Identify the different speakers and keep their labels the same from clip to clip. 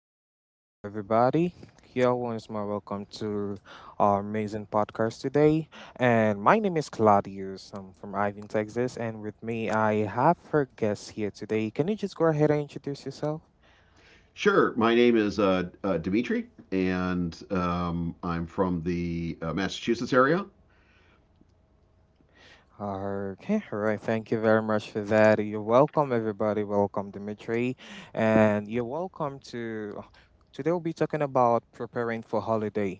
Speaker 1: hello, hello, everybody. Here once more, welcome to our amazing podcast today. And my name is Claudius. I'm from Ivan, Texas, and with me, I have her guest here today. Can you just go ahead and introduce yourself?
Speaker 2: Sure. My name is Dimitri, and I'm from the Massachusetts area.
Speaker 1: Okay, all right. Thank you very much for that. You're welcome, everybody. Welcome, Dimitri, and you're welcome to today we'll be talking about preparing for holiday.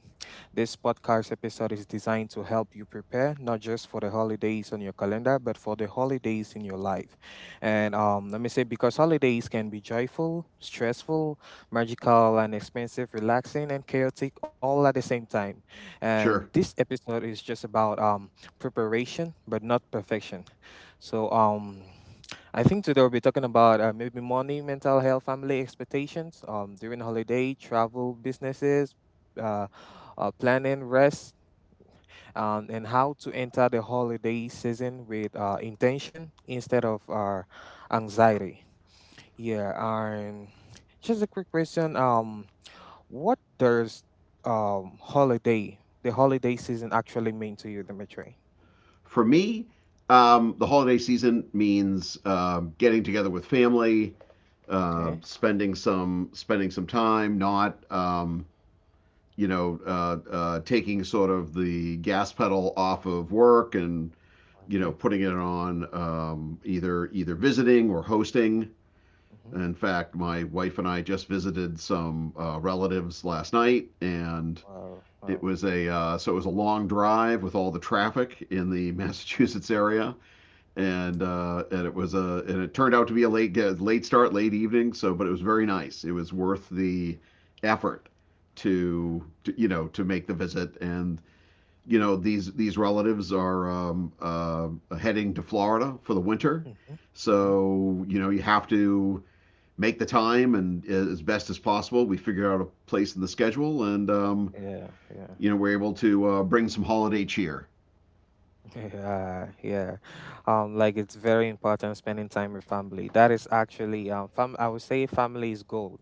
Speaker 1: This podcast episode is designed to help you prepare not just for the holidays on your calendar, but for the holidays in your life. And Let me say, because holidays can be joyful, stressful, magical, and expensive, relaxing, and chaotic all at the same time. And
Speaker 2: Sure.
Speaker 1: this episode is just about preparation, but not perfection. So um. I think today we'll be talking about maybe money, mental health, family expectations during holiday, travel, businesses, uh, planning, rest, and how to enter the holiday season with intention instead of anxiety. Yeah, and just a quick question. What does holiday, the holiday season actually mean to you, Dimitri?
Speaker 2: For me, the holiday season means getting together with family,
Speaker 1: Okay,
Speaker 2: spending some time, not taking sort of the gas pedal off of work and
Speaker 1: okay.
Speaker 2: putting it on, either visiting or hosting.
Speaker 1: Mm-hmm.
Speaker 2: In fact, my wife and I just visited some relatives last night, and
Speaker 1: Wow, wow.
Speaker 2: it was a long drive with all the traffic in the
Speaker 1: Wow.
Speaker 2: Massachusetts area, and
Speaker 1: Yeah.
Speaker 2: uh, and it was a and it turned out to be a late start, late evening. So, but it was very nice. It was worth the effort to, to make the visit, and these relatives are heading to Florida for the winter,
Speaker 1: Mm-hmm.
Speaker 2: so you have to make the time and, as best as possible, we figure out a place in the schedule, and
Speaker 1: Yeah, yeah,
Speaker 2: we're able to bring some holiday cheer.
Speaker 1: yeah, yeah. Like it's very important spending time with family. That is actually fam. I would say family is gold.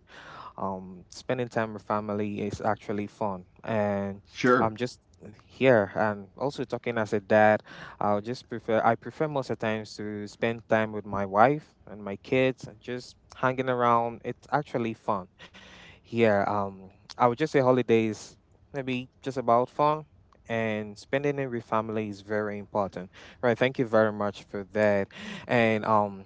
Speaker 1: Spending time with family is actually fun, and I'm
Speaker 2: Sure.
Speaker 1: just here and also talking as a dad. I'll just prefer. I prefer most of the times to spend time with my wife and my kids, and just hanging around. It's actually fun. Yeah, I would just say holidays maybe just about fun and spending it with family is very important. Right, thank you very much for that. And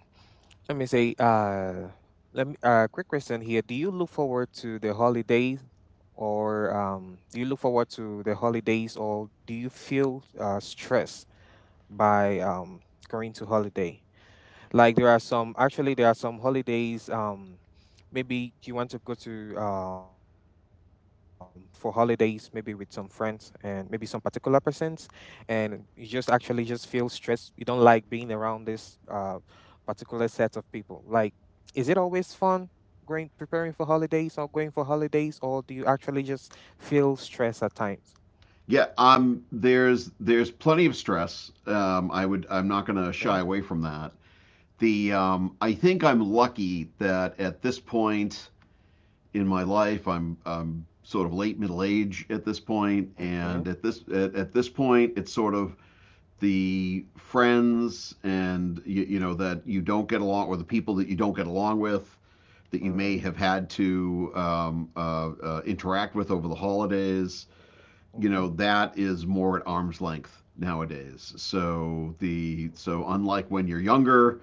Speaker 1: let me say, let me quick question here. Do you look forward to the holidays, or do you look forward to the holidays, or do you feel stressed by going to holiday? Like there are some actually there are some holidays. Maybe you want to go to for holidays maybe with some friends and maybe some particular persons, and you just feel stressed. You don't like being around this particular set of people. Like, is it always fun? Going preparing for holidays or going for holidays, or do you actually just feel stress at times?
Speaker 2: Yeah. There's plenty of stress. I would. I'm not going to shy
Speaker 1: Okay.
Speaker 2: away from that. The. I think I'm lucky that at this point in my life, I'm sort of late middle age at this point, and at
Speaker 1: Okay.
Speaker 2: this at, at this point, it's sort of the friends, and you know, that you don't get along, or the people that you don't get along with that you may have
Speaker 1: Or.
Speaker 2: had to interact with over the holidays. You know,
Speaker 1: Mm-hmm.
Speaker 2: that is more at arm's length nowadays. So unlike when you're younger,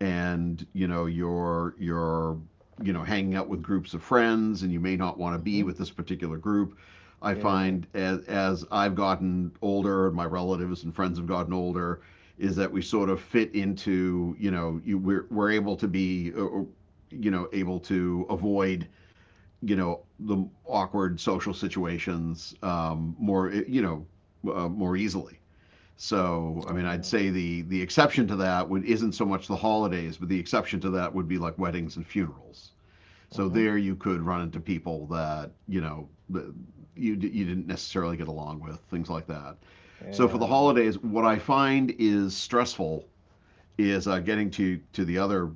Speaker 2: and you know you're hanging out with groups of friends, and you may not want to be with
Speaker 1: Mm-hmm.
Speaker 2: this particular group. I find,
Speaker 1: Yeah.
Speaker 2: as I've gotten older, and my relatives and friends have gotten older, is that we sort of fit into, we're able to be, able to avoid the awkward social situations, more, more easily. So I mean, I'd say
Speaker 1: Yeah.
Speaker 2: the exception to that would isn't so much the holidays, but the exception to that would be like weddings and funerals. So there
Speaker 1: Mm-hmm.
Speaker 2: you could run into people that you know you didn't necessarily get along with, things like that. So for the
Speaker 1: Yeah.
Speaker 2: holidays, what I find is stressful is, getting to the other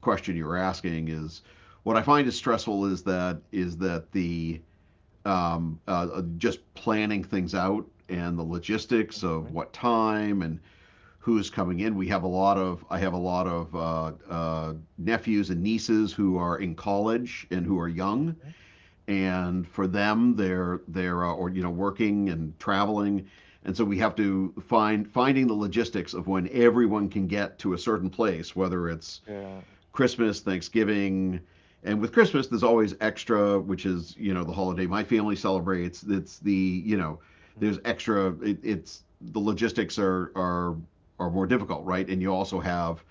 Speaker 2: question you were asking, is what I find is stressful is that the, just planning things out and the logistics of
Speaker 1: Mhm.
Speaker 2: what time and who's coming in. We have a lot of I have a lot of nephews and nieces who are in college and who are young,
Speaker 1: Mhm.
Speaker 2: and for them, they're or you know, working and traveling, and so we have to finding the logistics of when everyone can get to a certain place, whether it's
Speaker 1: Yeah.
Speaker 2: Christmas, Thanksgiving, and with Christmas there's always extra, which is, you know, the holiday my family celebrates. It's the you know
Speaker 1: Mhm.
Speaker 2: There's extra. It, it's the logistics are more difficult, right? And you also have,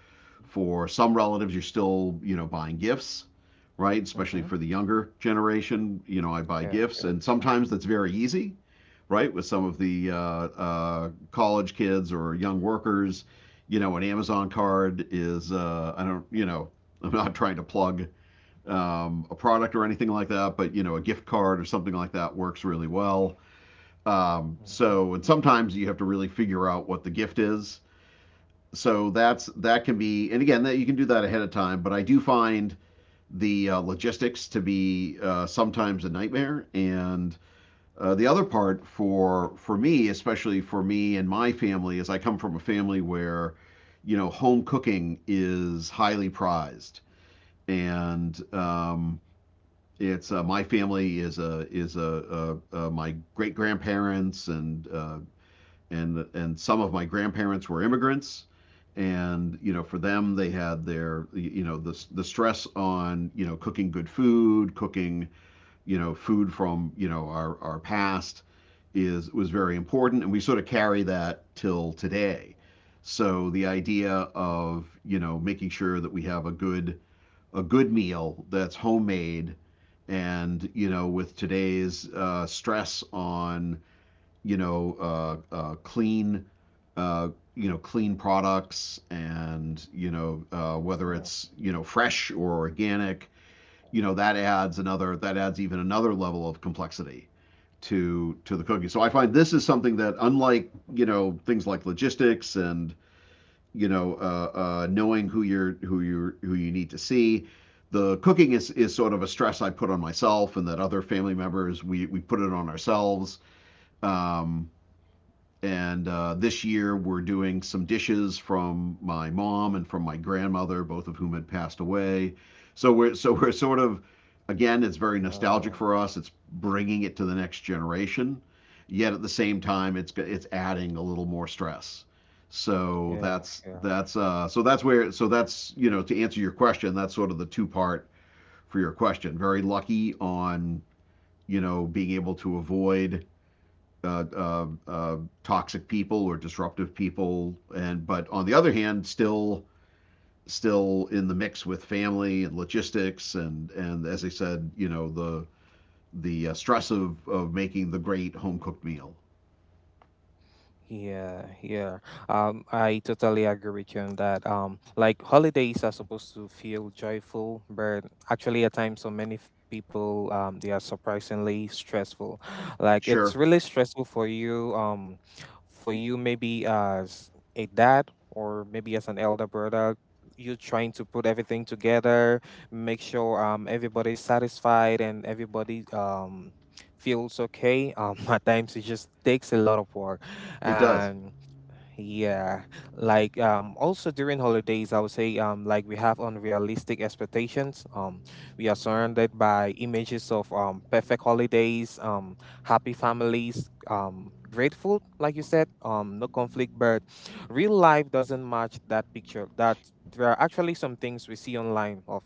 Speaker 1: Mhm.
Speaker 2: for some relatives you're still, you know, buying gifts, right? Especially for
Speaker 1: Mhm.
Speaker 2: the younger generation, you know, I buy
Speaker 1: Yeah.
Speaker 2: gifts, and
Speaker 1: Yeah.
Speaker 2: sometimes that's very easy, right? With some of the college kids or young workers. You know, an Amazon card is, I don't, you know, I'm not trying to plug, a product or anything like that, but, you know, a gift card or something like that works really well. Um,
Speaker 1: Mhm.
Speaker 2: so, and sometimes you have to really figure out what the gift is. So that's — that can be, and again, that you can do that ahead of time. But I do find the, logistics to be, sometimes a nightmare, and, the other part for me, especially for me and my family, is I come from a family where, you know, home cooking is highly prized, and,
Speaker 1: Mm.
Speaker 2: it's my
Speaker 1: Wow.
Speaker 2: family is a my great grandparents and, and some of my grandparents were immigrants, and you know, for them, they had their, the stress on, you know, cooking good food, cooking, you know, food from, you know, our past is was very important, and we sort of carry that till today. So the idea of, you know, making sure that we have a good meal that's homemade, and, you know, with today's stress on, you know, clean, uh, clean products, and, you know, whether
Speaker 1: Yeah.
Speaker 2: it's, you know, fresh or organic, you know, that adds even another level of complexity to the
Speaker 1: Mm.
Speaker 2: cooking. So I find this is something that, unlike, you know, things like logistics and, you know, knowing who you need to see. The cooking is sort of a stress I put on myself, and that other family members, we put it on ourselves. Um, and This year, we're doing some dishes from my mom and from my grandmother, both of whom had passed away. So we're sort of, again, it's very nostalgic
Speaker 1: Wow.
Speaker 2: for us. It's bringing it to the next generation, yet at the same time, it's adding a little more stress. So
Speaker 1: Yeah. Yeah.
Speaker 2: that's so that's where so that's, to answer your question, that's sort of the two part for your question. Very lucky on, you know, being able to avoid uh, uh, uh, toxic people or disruptive people, and but on the other hand, still in the mix with family and logistics, and as I said, you know, the, stress of making the great home cooked meal.
Speaker 1: Yeah, yeah. I totally agree with you on that. Like holidays are supposed to feel joyful, but actually at times so many people they are surprisingly stressful. Like it's
Speaker 2: Sure,
Speaker 1: really stressful for you maybe as a dad or maybe as an elder brother, you trying to put everything together, make sure everybody's satisfied and everybody feels okay. At times it just takes a lot of work
Speaker 2: it does.
Speaker 1: and yeah, like, also during holidays I would say, like, we have unrealistic expectations. We are surrounded by images of perfect holidays, happy families, great food, like you said, no conflict, but real life doesn't match that picture. That there are actually some things we see online of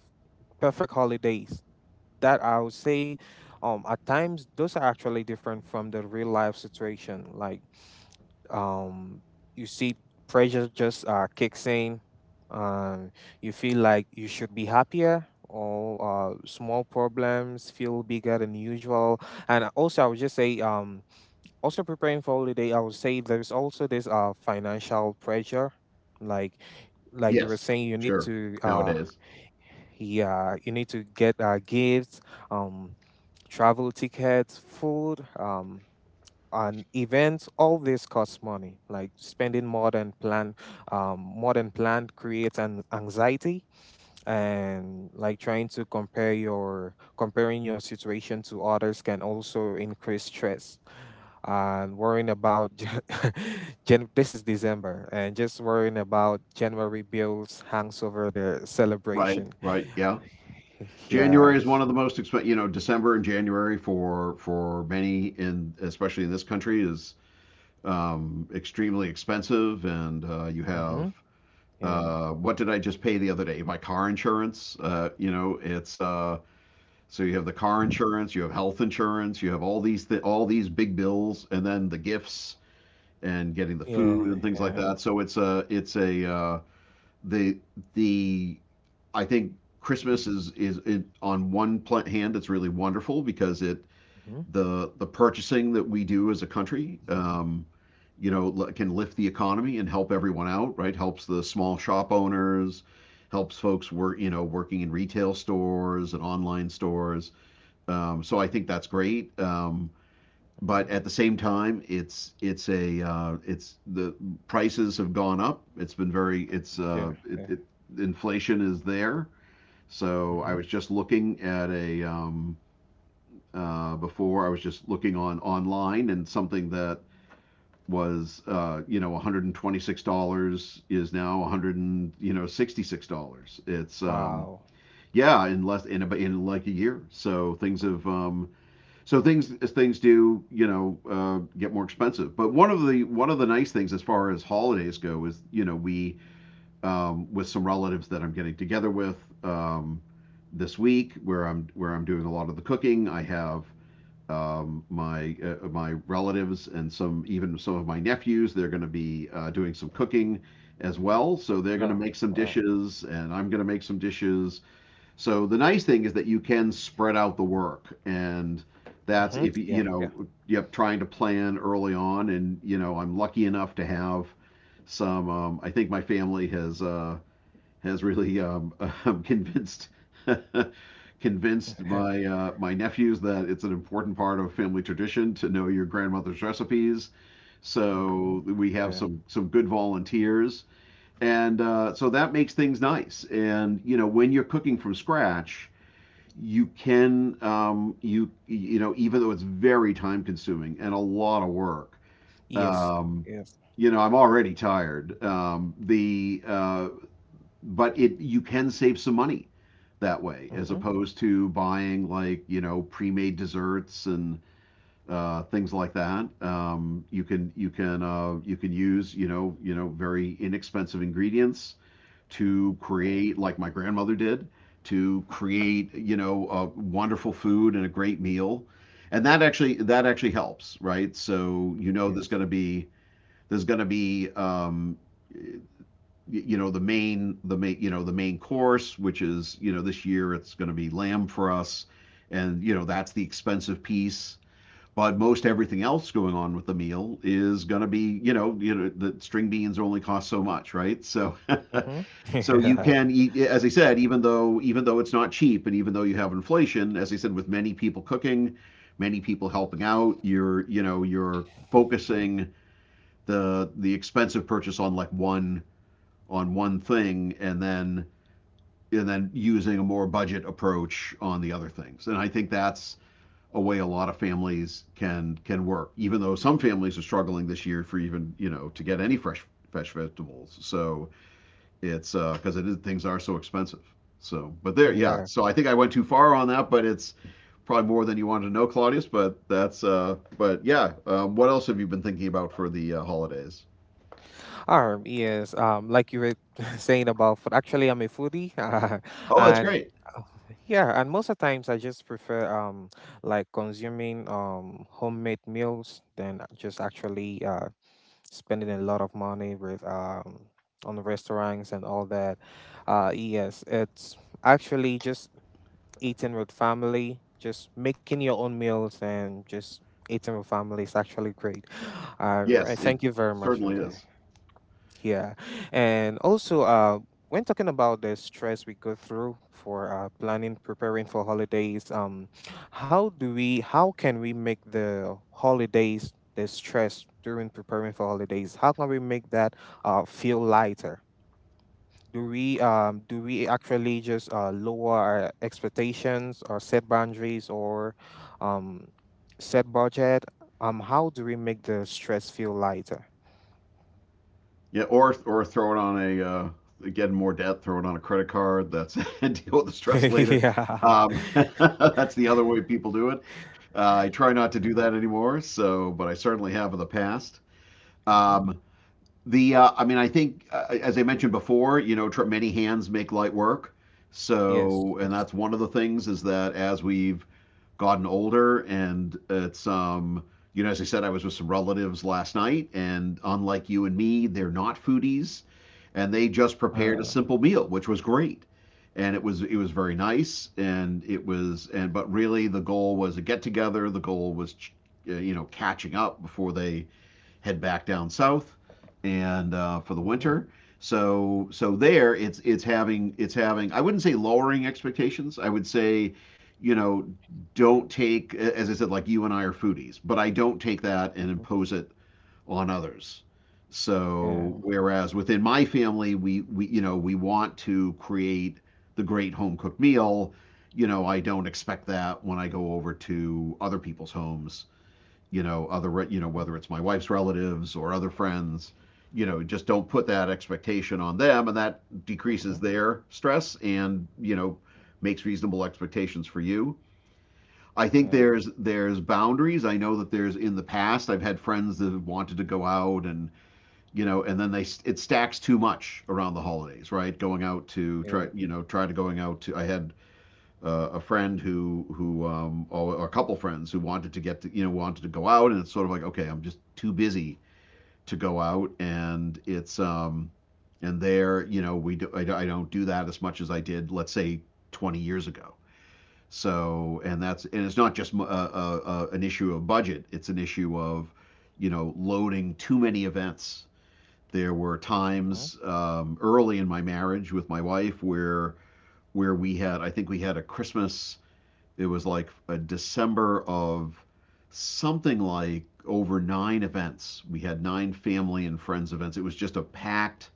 Speaker 1: perfect holidays that I would say, at times those are actually different from the real life situation. Like, um, you see pressure just kicks in. Um, you feel like you should be happier, or small problems feel bigger than usual. And also, I would just say, also preparing for holiday, I would say there's also this financial pressure, like like you were
Speaker 2: Yes,
Speaker 1: saying, you need
Speaker 2: sure.
Speaker 1: to
Speaker 2: Nowadays,
Speaker 1: yeah, you need to get gifts, um, travel tickets, food, and events. All this costs money. Like spending more than more than planned creates an anxiety, and like trying to compare your comparing your situation to others can also increase stress. And worrying about Jan- this is December, and just worrying about January bills hangs over the
Speaker 2: right,
Speaker 1: celebration.
Speaker 2: right, yeah.
Speaker 1: Yeah.
Speaker 2: January is one of the most expensive. You know, December and January, for many in, especially in, this country is, extremely expensive, and, you
Speaker 1: Mm-hmm.
Speaker 2: have —
Speaker 1: Yeah.
Speaker 2: what did I just pay the other day? My car insurance. You know, it's so you have the car insurance, you have health insurance, you have all these big bills, and then the gifts and getting the food and
Speaker 1: Yeah.
Speaker 2: things like that.
Speaker 1: Yeah.
Speaker 2: So it's a the the I think Christmas is it, on hand, it's really wonderful, because it
Speaker 1: Mm-hmm.
Speaker 2: the purchasing that we do as a country, you know, can lift the economy and help everyone out, right? Helps the small shop owners, helps folks, work you know, working in retail stores and online stores. So I think that's great. But
Speaker 1: Mm-hmm.
Speaker 2: at the same time, it's — the prices have gone up. It's been very it's
Speaker 1: Yeah.
Speaker 2: it,
Speaker 1: Yeah.
Speaker 2: it, Inflation is there. So I was
Speaker 1: Mm-hmm.
Speaker 2: just looking at a, before I was just looking on online, and something that was, you know, $126 is now 100, you know, $66. It's
Speaker 1: Wow.
Speaker 2: Yeah, in less — in about — in like a year. So things have, so things as things do, you know, get more expensive. But one of the nice things as far as holidays go is, you know, we, with some relatives that I'm getting together with. Um, this week where I'm doing a lot of the cooking. I have, my my relatives and some — even some of my nephews. They're going to be, doing some cooking as well, so they're going to
Speaker 1: Wow.
Speaker 2: make some
Speaker 1: Wow.
Speaker 2: dishes, and I'm going to make some dishes. So the nice thing is that you can spread out the work, and that's
Speaker 1: Mm-hmm.
Speaker 2: if
Speaker 1: Yeah.
Speaker 2: you
Speaker 1: Yeah.
Speaker 2: know, yep, trying to plan early on, and you know, I'm lucky enough to have some. I think my family has. Has really, convinced convinced
Speaker 1: Yeah.
Speaker 2: my, my nephews that it's an important part of family tradition to know your grandmother's recipes.
Speaker 1: Mm-hmm.
Speaker 2: So we have
Speaker 1: Yeah.
Speaker 2: some good volunteers, and, so that makes things nice. And you know, when you're cooking from scratch, you can, you know, even though it's very time consuming and a lot of work.
Speaker 1: Yes.
Speaker 2: Um,
Speaker 1: Yes.
Speaker 2: you know, I'm already tired. The But it you can save some money that way, as
Speaker 1: Mm-hmm.
Speaker 2: opposed to buying like, you know, pre-made desserts and, things like that. You can use very inexpensive ingredients
Speaker 1: Mm-hmm.
Speaker 2: to
Speaker 1: Mm.
Speaker 2: create like my grandmother did to create a wonderful food and a great meal, and that actually helps, right? So there's
Speaker 1: Yes.
Speaker 2: going to be, there's going to be um, the main course, which is, this year it's going to be lamb for us, and that's the expensive piece. But most everything else going on with the meal is going to be, the string beans only cost so much, right? So
Speaker 1: Mm-hmm.
Speaker 2: so you
Speaker 1: Yeah.
Speaker 2: can eat, as I said, even though, it's not cheap, and even though you have inflation, as I said, with many people cooking, many people helping out, you're you know you're focusing the expensive purchase on like one thing, and then, and then using a more budget approach on the other things. And I think that's a way a lot of families can work, even though some families are struggling this year for even, to get any fresh vegetables. So it's because it is, things are so expensive. So, but there, yeah.
Speaker 1: Yeah.
Speaker 2: So I think I went too far on that, but it's probably more than you wanted to know, Claudius. But that's, but yeah. What else have you been thinking about for the holidays?
Speaker 1: Yes, like you were saying about food. Actually, I'm a foodie,
Speaker 2: Oh, that's
Speaker 1: and
Speaker 2: great.
Speaker 1: uh, yeah, and most of the times I just prefer like consuming homemade meals than just actually spending a lot of money with on the restaurants and all that. Yes, it's actually just eating with family, just making your own meals and just eating with family is actually great.
Speaker 2: Yes,
Speaker 1: Right,
Speaker 2: it
Speaker 1: thank you very much for
Speaker 2: certainly
Speaker 1: that.
Speaker 2: is.
Speaker 1: Yeah. And also, when talking about the stress we go through for planning, preparing for holidays, how do we, how can we make the holidays, the stress during preparing for holidays, how can we make that feel lighter? Do we do we actually just lower our expectations or set boundaries or um set budget, how do we make the stress feel lighter?
Speaker 2: Yeah, or throw it on a get more debt, throw it on a credit card. That's deal with the stress later.
Speaker 1: yeah.
Speaker 2: Um, that's the other way people do it. I try not to do that anymore. So, but I certainly have in the past.
Speaker 1: Hmm.
Speaker 2: Um, the I mean, I think, as I mentioned before, you know, many hands make light work.
Speaker 1: Yes,
Speaker 2: So, and
Speaker 1: yes.
Speaker 2: that's one of the things, is that as we've gotten older, and it's you know, as I said, I was with some relatives last night, and unlike you and me, they're not foodies, and they just prepared a
Speaker 1: Uh,
Speaker 2: simple meal, which was great, and it was very nice, and it was, and but really the goal was a get together. The goal was, you know, catching up before they head back down south and for the
Speaker 1: hmm.
Speaker 2: winter. So so there it's, it's having, I wouldn't say lowering expectations. I would say, you know, don't take, as I said, like you and I are foodies, but I don't take that and
Speaker 1: Hmm.
Speaker 2: impose it on others. So
Speaker 1: Yeah.
Speaker 2: whereas within my family we you know we want to create the great home cooked meal, you know I don't expect that when I go over to other people's homes, you know, other, you know,
Speaker 1: Hmm.
Speaker 2: whether it's my wife's relatives or other friends, you know, just don't put that expectation on them, and that decreases
Speaker 1: Hmm.
Speaker 2: their stress, and you know makes reasonable expectations for you. I think
Speaker 1: Yeah,
Speaker 2: there's boundaries. I know that there's, in the past I've had friends that have wanted to go out, and you know and then they, it stacks too much around the holidays, right? Going out to try,
Speaker 1: yeah.
Speaker 2: you know, try to going out to, I had a friend who or a couple friends who wanted to get to, you know wanted to go out, and it's sort of like, okay, I'm just too busy to go out, and it's and there you know we do, I don't do that as much as I did, let's say 20 years ago. So and that's, and it's not just an issue of budget; it's an issue of you know loading too many events. There were
Speaker 1: Hmm.
Speaker 2: times early in my marriage with my wife where we had, I think we had a Christmas, it was like a December of something like over nine events. We had nine family and friends events. It was just a packed,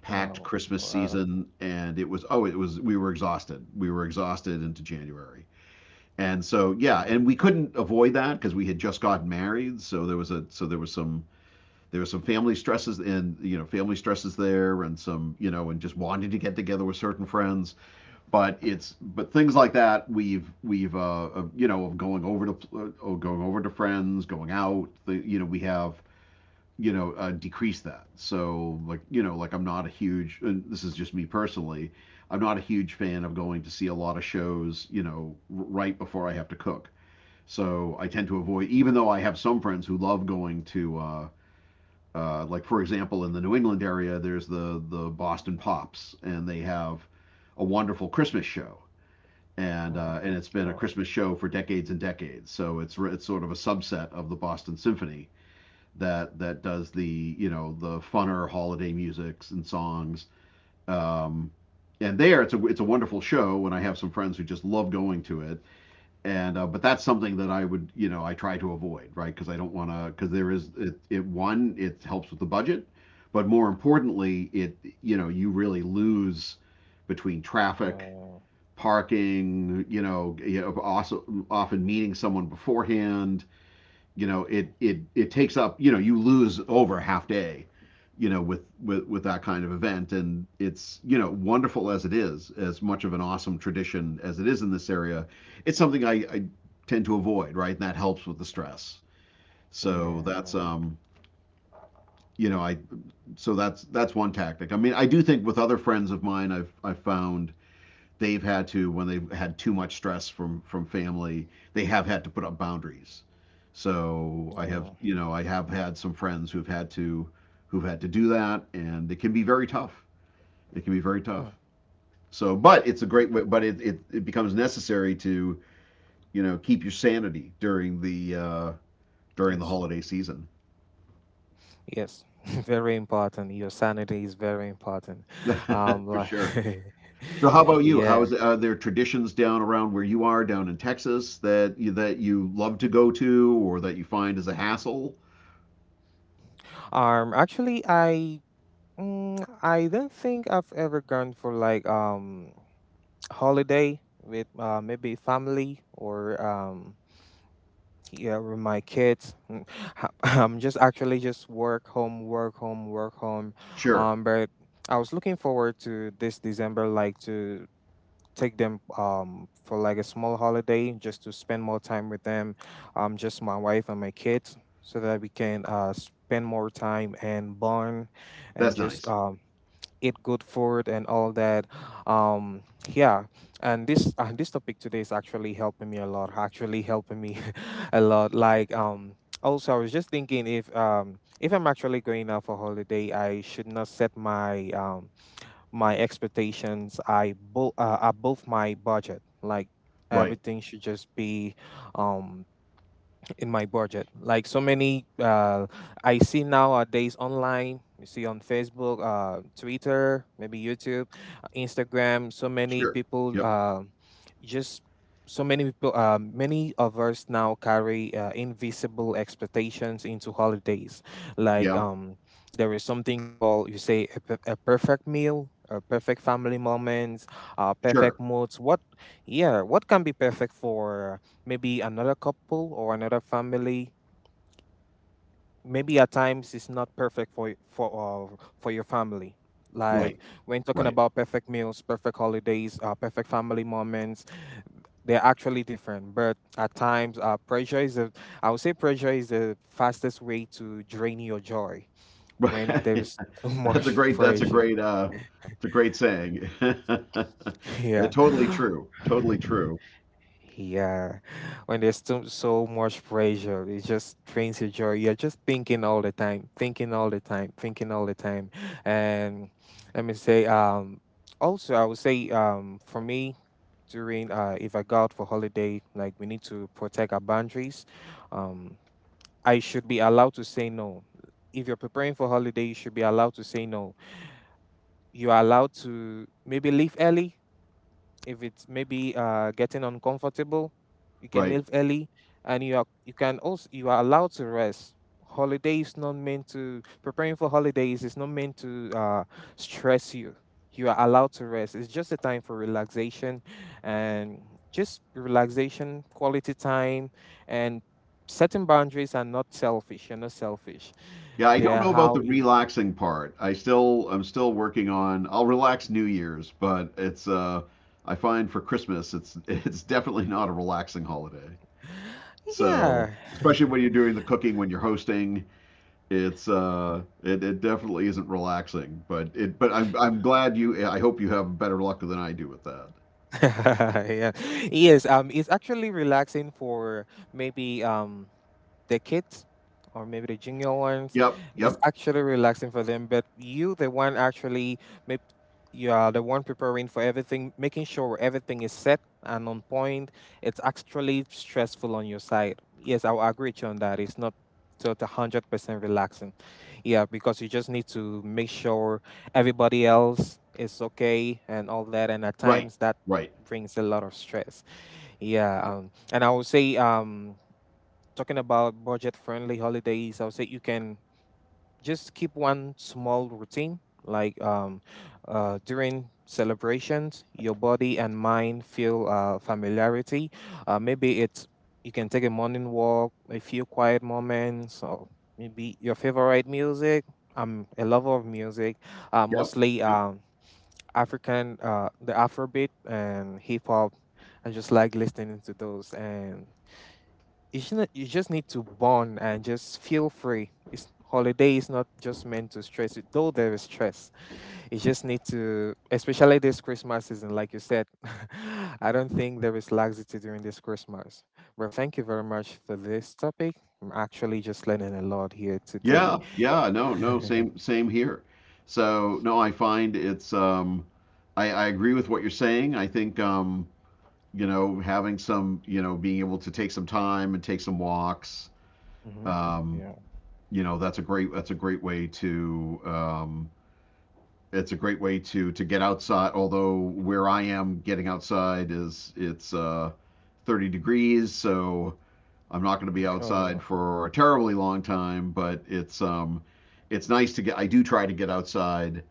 Speaker 2: packed
Speaker 1: Wow.
Speaker 2: Christmas
Speaker 1: Wow.
Speaker 2: season, and it was, oh, it was, we were exhausted. We were exhausted into January, and so yeah,
Speaker 1: Wow.
Speaker 2: and we couldn't avoid that because we had just gotten married. So there was a, so there was some, there was some family stresses, and you know family stresses there, and some, you know, and just wanting to get together with certain friends, but it's, but things like that we've, you know, of going over to, going over to friends, going out the, you know we have, you know, decreased that. So like you know, like I'm not a huge, and this is just me personally, I'm not a huge fan of going to see a lot of shows, you know, right before I have to cook. So I tend to avoid, even though I have some friends who love going to, like for example in the New England area, there's the Boston Pops, and they have a wonderful Christmas show,
Speaker 1: Hmm.
Speaker 2: and it's been a
Speaker 1: Wow.
Speaker 2: Christmas show for decades and decades. So it's sort of a subset of the Boston Symphony that does the, you know, the funner holiday musics and songs. Um, and there it's a, it's a wonderful show, and I have some friends who just love going to it. And but that's something that I would, you know, I try to avoid, right? Because I don't want to, because there is, it, one, it helps with the budget, but more importantly, it, you know, you really lose, between traffic,
Speaker 1: Uh,
Speaker 2: parking, you know, also often meeting someone beforehand, you know, it takes up, you know, you lose over a half day, you know, with, with that kind of event. And it's, you know, wonderful as it is, as much of an awesome tradition as it is in this area, it's something I tend to avoid, right? And that helps with the stress. So that's,
Speaker 1: yeah.
Speaker 2: you know, I, so that's one tactic. I mean, I do think with other friends of mine, I've found, they've had to, when they've had too much stress from family, they have had to put up boundaries. So I have,
Speaker 1: Mm,
Speaker 2: you know, I have had some friends who've had to, who've had to do that, and it can be very tough, it can be very tough.
Speaker 1: mm,
Speaker 2: So but it's a
Speaker 1: mm.
Speaker 2: great way, but it becomes necessary to, you know, keep your sanity during the
Speaker 1: Yes.
Speaker 2: holiday season.
Speaker 1: Yes. Very important. Your sanity is very important.
Speaker 2: For
Speaker 1: Like,
Speaker 2: sure. So how about you? How
Speaker 1: yeah.
Speaker 2: is it, are there traditions down around where you are, down in Texas, that you love to go to, or that you find is a hassle?
Speaker 1: Actually, I don't think I've ever gone for like holiday with maybe family or yeah with my kids. I'm just actually just work home, work home, work home.
Speaker 2: Sure.
Speaker 1: But I was looking forward to this December, like to take them for like a small holiday just to spend more time with them, just my wife and my kids so that we can spend more time and bond and
Speaker 2: That's
Speaker 1: just
Speaker 2: nice.
Speaker 1: eat good food and all that. um yeah. And this this topic today is actually helping me a lot, actually helping me a lot. Like, also I was just thinking if I'm actually going out for holiday I should not set my my expectations I above my budget. Like,
Speaker 2: Right.
Speaker 1: everything should just be um in my budget. Like so many, I see nowadays online. You see on Facebook, Twitter, maybe YouTube, Instagram. So many
Speaker 2: Sure.
Speaker 1: people,
Speaker 2: Yep.
Speaker 1: just so many people. Many of us now carry invisible expectations into holidays. Like,
Speaker 2: Yeah.
Speaker 1: there is something called, you say, a perfect meal. A perfect family moments,
Speaker 2: Sure.
Speaker 1: perfect moods. What, yeah, what can be perfect for maybe another couple or another family, maybe at times it's not perfect for for your family.
Speaker 2: Right.
Speaker 1: Like, when talking
Speaker 2: Right.
Speaker 1: about perfect meals, perfect holidays, perfect family moments, they're actually different, but at times I would say pressure is the fastest way to drain your joy, when there
Speaker 2: Right.
Speaker 1: is so
Speaker 2: That's
Speaker 1: much
Speaker 2: a great,
Speaker 1: pressure.
Speaker 2: it's a great saying.
Speaker 1: yeah.
Speaker 2: Totally true. Totally true.
Speaker 1: Yeah, when there's so much pressure, it just drains your joy. You're just thinking all the time, thinking all the time, thinking all the time. And let me say, also I would say, for me, during if I go out for holiday, like, we need to protect our boundaries. Um, I should be allowed to say no. If you're preparing for holiday, you should be allowed to say no. You are allowed to maybe leave early if it's maybe getting uncomfortable. You can
Speaker 2: Right.
Speaker 1: leave early, and you are, you can also, you are allowed to rest. Holiday is not meant to, preparing for holidays is not meant to stress you. You are allowed to rest. It's just a time for relaxation and just relaxation, quality time. And setting boundaries are not selfish, you're not selfish.
Speaker 2: Yeah, I
Speaker 1: They
Speaker 2: don't
Speaker 1: are
Speaker 2: know about the
Speaker 1: how you
Speaker 2: relaxing part. I'm still working on, I'll relax New Year's, but it's I find for Christmas it's it's definitely not a relaxing holiday. So,
Speaker 1: yeah.
Speaker 2: especially when you're doing the cooking, when you're hosting, it's it definitely isn't relaxing, but it, but I'm glad you, I hope you have better luck than I do with that.
Speaker 1: yeah. Yes, it's actually relaxing for maybe the kids or maybe the junior ones.
Speaker 2: Yep,
Speaker 1: It's
Speaker 2: yep.
Speaker 1: actually relaxing for them, but you the one actually maybe you are the one preparing for everything, making sure everything is set and on point. It's actually stressful on your side. Yes, I will agree with you on that. It's not so 100% relaxing. Yeah, because you just need to make sure everybody else is okay and all that. And at
Speaker 2: Right,
Speaker 1: times that
Speaker 2: right.
Speaker 1: brings a lot of stress. Yeah, and I would say, talking about budget-friendly holidays, I would say you can just keep one small routine. Like, during celebrations, your body and mind feel familiarity. Maybe it's, you can take a morning walk, a few quiet moments, or maybe your favorite music. I'm a lover of music,
Speaker 2: Yep,
Speaker 1: mostly.
Speaker 2: yep.
Speaker 1: African, the Afrobeat and hip hop. I just like listening to those, and you shouldn't, you just need to bond and just feel free. It's holiday is not just meant to stress it, though there is stress. You just need to, especially this Christmas season, like you said. I don't think there is laxity during this Christmas. But thank you very much for this topic. I'm actually just learning a lot here
Speaker 2: Yeah,
Speaker 1: today.
Speaker 2: yeah. No, no, same, same here. So no, I find it's I agree with what you're saying. I think, you know, having some, you know, being able to take some time and take some walks,
Speaker 1: hmm.
Speaker 2: um
Speaker 1: Yeah.
Speaker 2: you know, that's a great, that's a great way to, it's a great way to get outside. Although where I am, getting outside is, it's 30 degrees, so I'm not going to be outside
Speaker 1: Oh,
Speaker 2: for a terribly long time. But it's nice to get, I do try to get outside,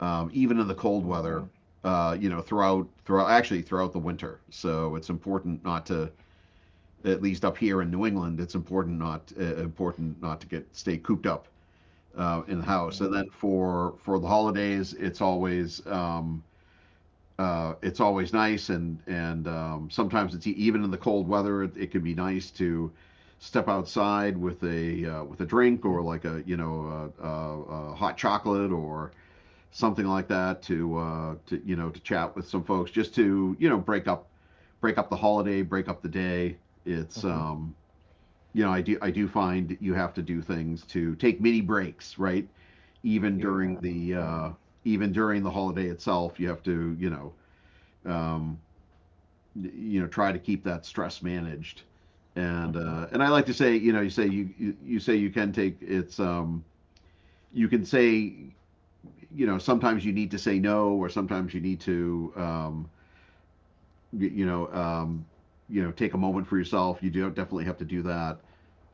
Speaker 2: even in the cold weather.
Speaker 1: oh,
Speaker 2: You know, throughout actually throughout the winter. So it's important not to, at least up here in New England, it's important not, important not to get stay cooped up in the house. And
Speaker 1: yeah.
Speaker 2: then for the holidays, it's always nice, and sometimes it's even in the cold weather, it can be nice to step outside with a drink, or like a, you know, a, a hot chocolate or something like that to, to, you know, to chat with some folks, just to, you know, break up, break up the holiday, break up the day. It's
Speaker 1: Mm-hmm.
Speaker 2: you know I do find you have to do things to take mini breaks, right? Even
Speaker 1: Yeah. Yeah.
Speaker 2: during the uh, even during the holiday itself, you have to, you know. Um, Try to keep that stress managed. and
Speaker 1: Mm-hmm.
Speaker 2: uh, and I like to say you say you say you can take it's You can say sometimes you need to say no, or sometimes you need to you know um, take a moment for yourself. You do definitely have to do that.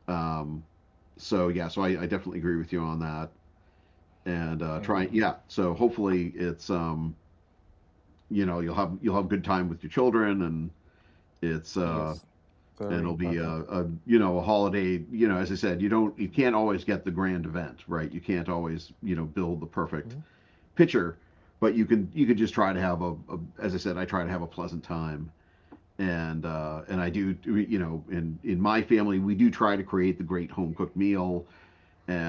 Speaker 2: um, so yeah, so I definitely agree with you on that. And
Speaker 1: Yeah.
Speaker 2: try, yeah, so hopefully it's you'll have good time with your children. and it's uh,
Speaker 1: Yes.
Speaker 2: and
Speaker 1: Very
Speaker 2: it'll be
Speaker 1: important.
Speaker 2: a a holiday. As I said, you can't always get the grand event, right? You can't always build the perfect
Speaker 1: Mm-hmm.
Speaker 2: picture, but you could just try to have a as I said, I try to have a pleasant time. And I do, in my family, we do try to create the great home cooked meal.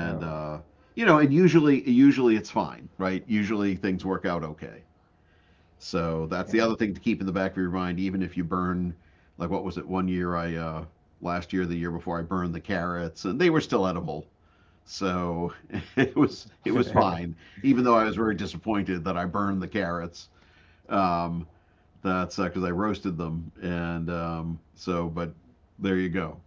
Speaker 1: Yeah.
Speaker 2: uh, and usually it's fine, right? Usually things work out okay. So that's the
Speaker 1: Yeah.
Speaker 2: other thing to keep in the back of your mind, even if you burn, like, what was it, one year last year, the year before, I burned the carrots, and they were still edible. So it was fine, even though I was very disappointed that I burned the carrots. Um, that's because I roasted them, and so but there you go.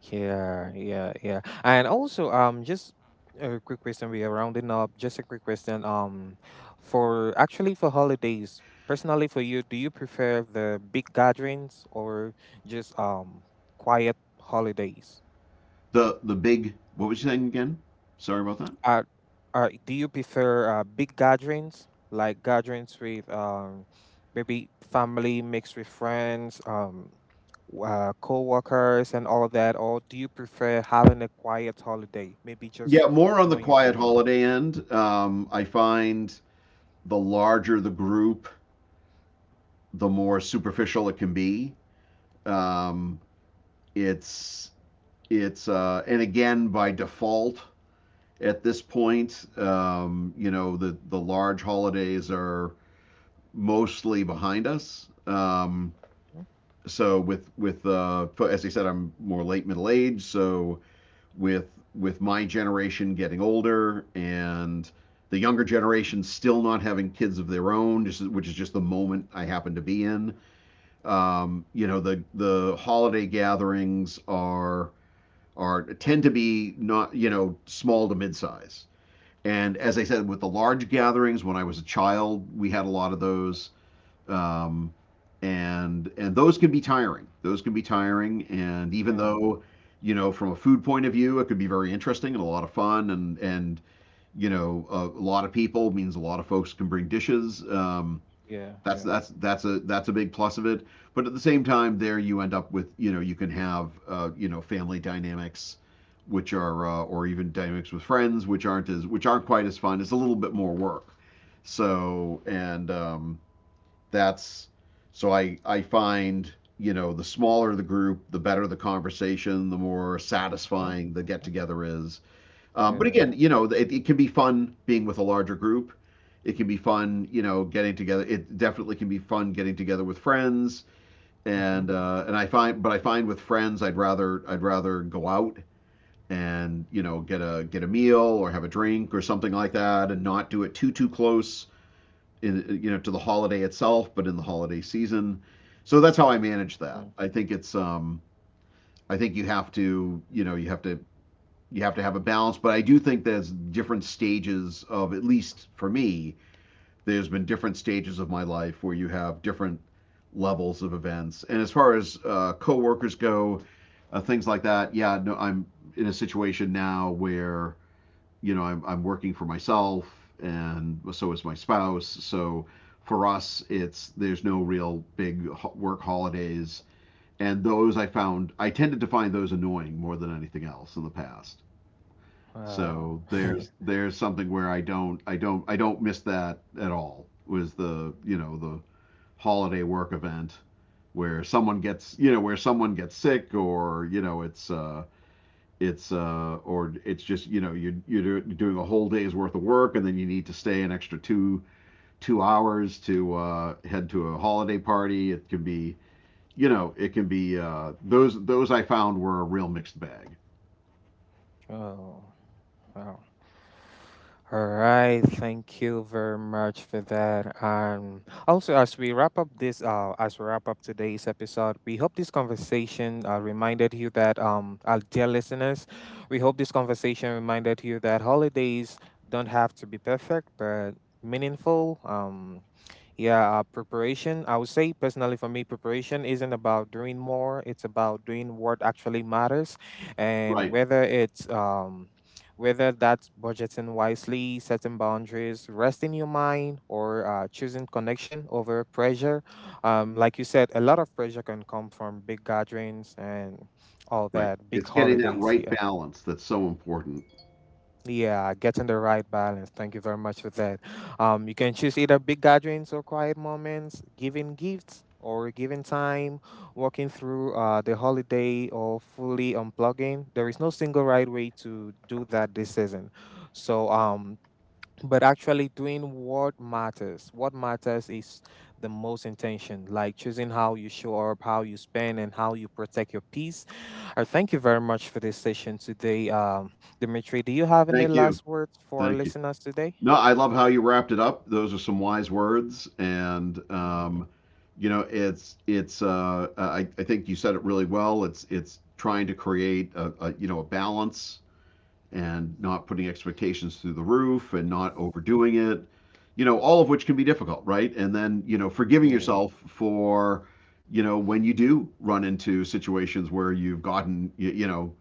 Speaker 1: Yeah, yeah, yeah. And also, just a quick question. We are rounding up. Just a quick question. For actually for holidays, personally for you, do you prefer the big gatherings or just quiet holidays?
Speaker 2: The big What was you saying again? Sorry about that.
Speaker 1: Uh, do you prefer big gatherings, like gatherings with maybe family mixed with friends, co-workers, and all of that, or do you prefer having a quiet holiday, maybe just
Speaker 2: Yeah, more on
Speaker 1: you
Speaker 2: the
Speaker 1: and your
Speaker 2: quiet
Speaker 1: family?
Speaker 2: holiday end. I find the larger the group, the more superficial it can be. Um, it's it's and again, by default at this point, the large holidays are mostly behind us.
Speaker 1: Mm,
Speaker 2: So with as I said, I'm more late middle age. So with my generation getting older and the younger generation still not having kids of their own, which is just the moment I happen to be in. The holiday gatherings are tend to be, not small to mid-size. And as I said, with the large gatherings, when I was a child, we had a lot of those. Um, and those can be tiring. Those can be tiring. And even
Speaker 1: yeah,
Speaker 2: though, from a food point of view, it could be very interesting and a lot of fun. And a lot of people means a lot of folks can bring dishes.
Speaker 1: yeah, yeah.
Speaker 2: That's a big plus of it. But at the same time, there you end up with you can have family dynamics, which are or even dynamics with friends, which aren't quite as fun. It's a little bit more work. So and that's so I find the smaller the group, the better the conversation, the more
Speaker 1: Hmm.
Speaker 2: satisfying the get
Speaker 1: Hmm.
Speaker 2: together is. But again,
Speaker 1: Yeah.
Speaker 2: it can be fun being with a larger group. It can be fun, getting together. It definitely can be fun getting together with friends.
Speaker 1: Mm-hmm.
Speaker 2: And I find with friends, I'd rather go out and get a meal or have a drink or something like that, and not do it too too close, in, to the holiday itself, but in the holiday season. So that's how I manage
Speaker 1: Mm-hmm.
Speaker 2: that. I think you have to, you have to have a balance. But I do think there's different stages of, at least for me, there's been different stages of my life where you have different levels of events. And as far as coworkers go, things like that, yeah, no, I'm in a situation now where I'm working for myself, and so is my spouse. So for us, it's there's no real big work holidays. And those I found, I tended to find those annoying more than anything else in the past.
Speaker 1: Wow.
Speaker 2: So there's something where I don't miss that at all. Was the you know the holiday work event where someone gets sick, or you know it's or it's just, you're doing a whole day's worth of work, and then you need to stay an extra two hours to head to a holiday party. It can be, those I found were a real mixed bag.
Speaker 1: oh, wow. All right, thank you very much for that. And also, as we wrap up this, as we wrap up today's episode, we hope this conversation reminded you that, our dear listeners, we hope this conversation reminded you that holidays don't have to be perfect, but meaningful. Yeah, preparation. I would say personally for me, preparation isn't about doing more. It's about doing what actually matters, and
Speaker 2: Right.
Speaker 1: whether it's whether that's budgeting wisely, setting boundaries, resting your mind, or choosing connection over pressure. Like you said, a lot of pressure can come from big gatherings and all
Speaker 2: Right.
Speaker 1: that, big
Speaker 2: It's getting that
Speaker 1: holidays.
Speaker 2: right
Speaker 1: Yeah.
Speaker 2: balance that's so important.
Speaker 1: Yeah, getting the right balance. Thank you very much for that. You can choose either big gatherings or quiet moments, giving gifts or giving time, walking through the holiday or fully unplugging. There is no single right way to do that this season. So but actually doing what matters, what matters is the most intention, like choosing how you show up, how you spend, and how you protect your peace. I thank you very much for this session today. Dimitri, do you have any
Speaker 2: Thank you.
Speaker 1: last words for our
Speaker 2: Thank you.
Speaker 1: listeners today?
Speaker 2: No, I love how you wrapped it up. Those are some wise words, and it's it's. I think you said it really well. It's trying to create a a balance and not putting expectations through the roof and not overdoing it. All of which can be difficult, right? And then, forgiving
Speaker 1: Yeah, yeah.
Speaker 2: yourself for when you do run into situations where you've gotten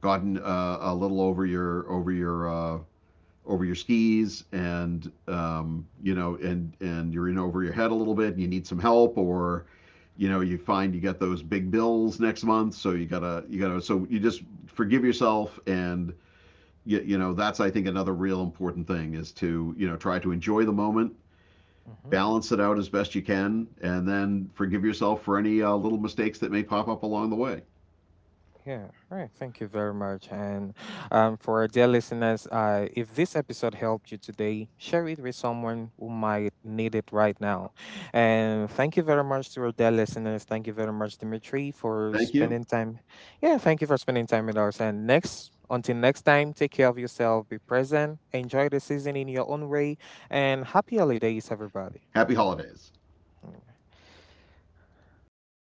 Speaker 2: gotten a little over your skis, and you're in over your head a little bit and you need some help, or you find you got those big bills next month, so you gotta so you just forgive yourself. And that's, I think, another real important thing, is to try to enjoy the moment,
Speaker 1: Hmm.
Speaker 2: balance it out as best you can, and then forgive yourself for any little mistakes that may pop up along the way.
Speaker 1: Yeah, right. Thank you very much. And for our dear listeners, if this episode helped you today, share it with someone who might need it right now. And thank you very much to our dear listeners. Thank you very much, Dimitri, for
Speaker 2: Thank you.
Speaker 1: spending time. Yeah, thank you for spending time with us. Until next time, take care of yourself, be present, enjoy the season in your own way, and happy holidays, everybody.
Speaker 2: Happy holidays.
Speaker 1: Right.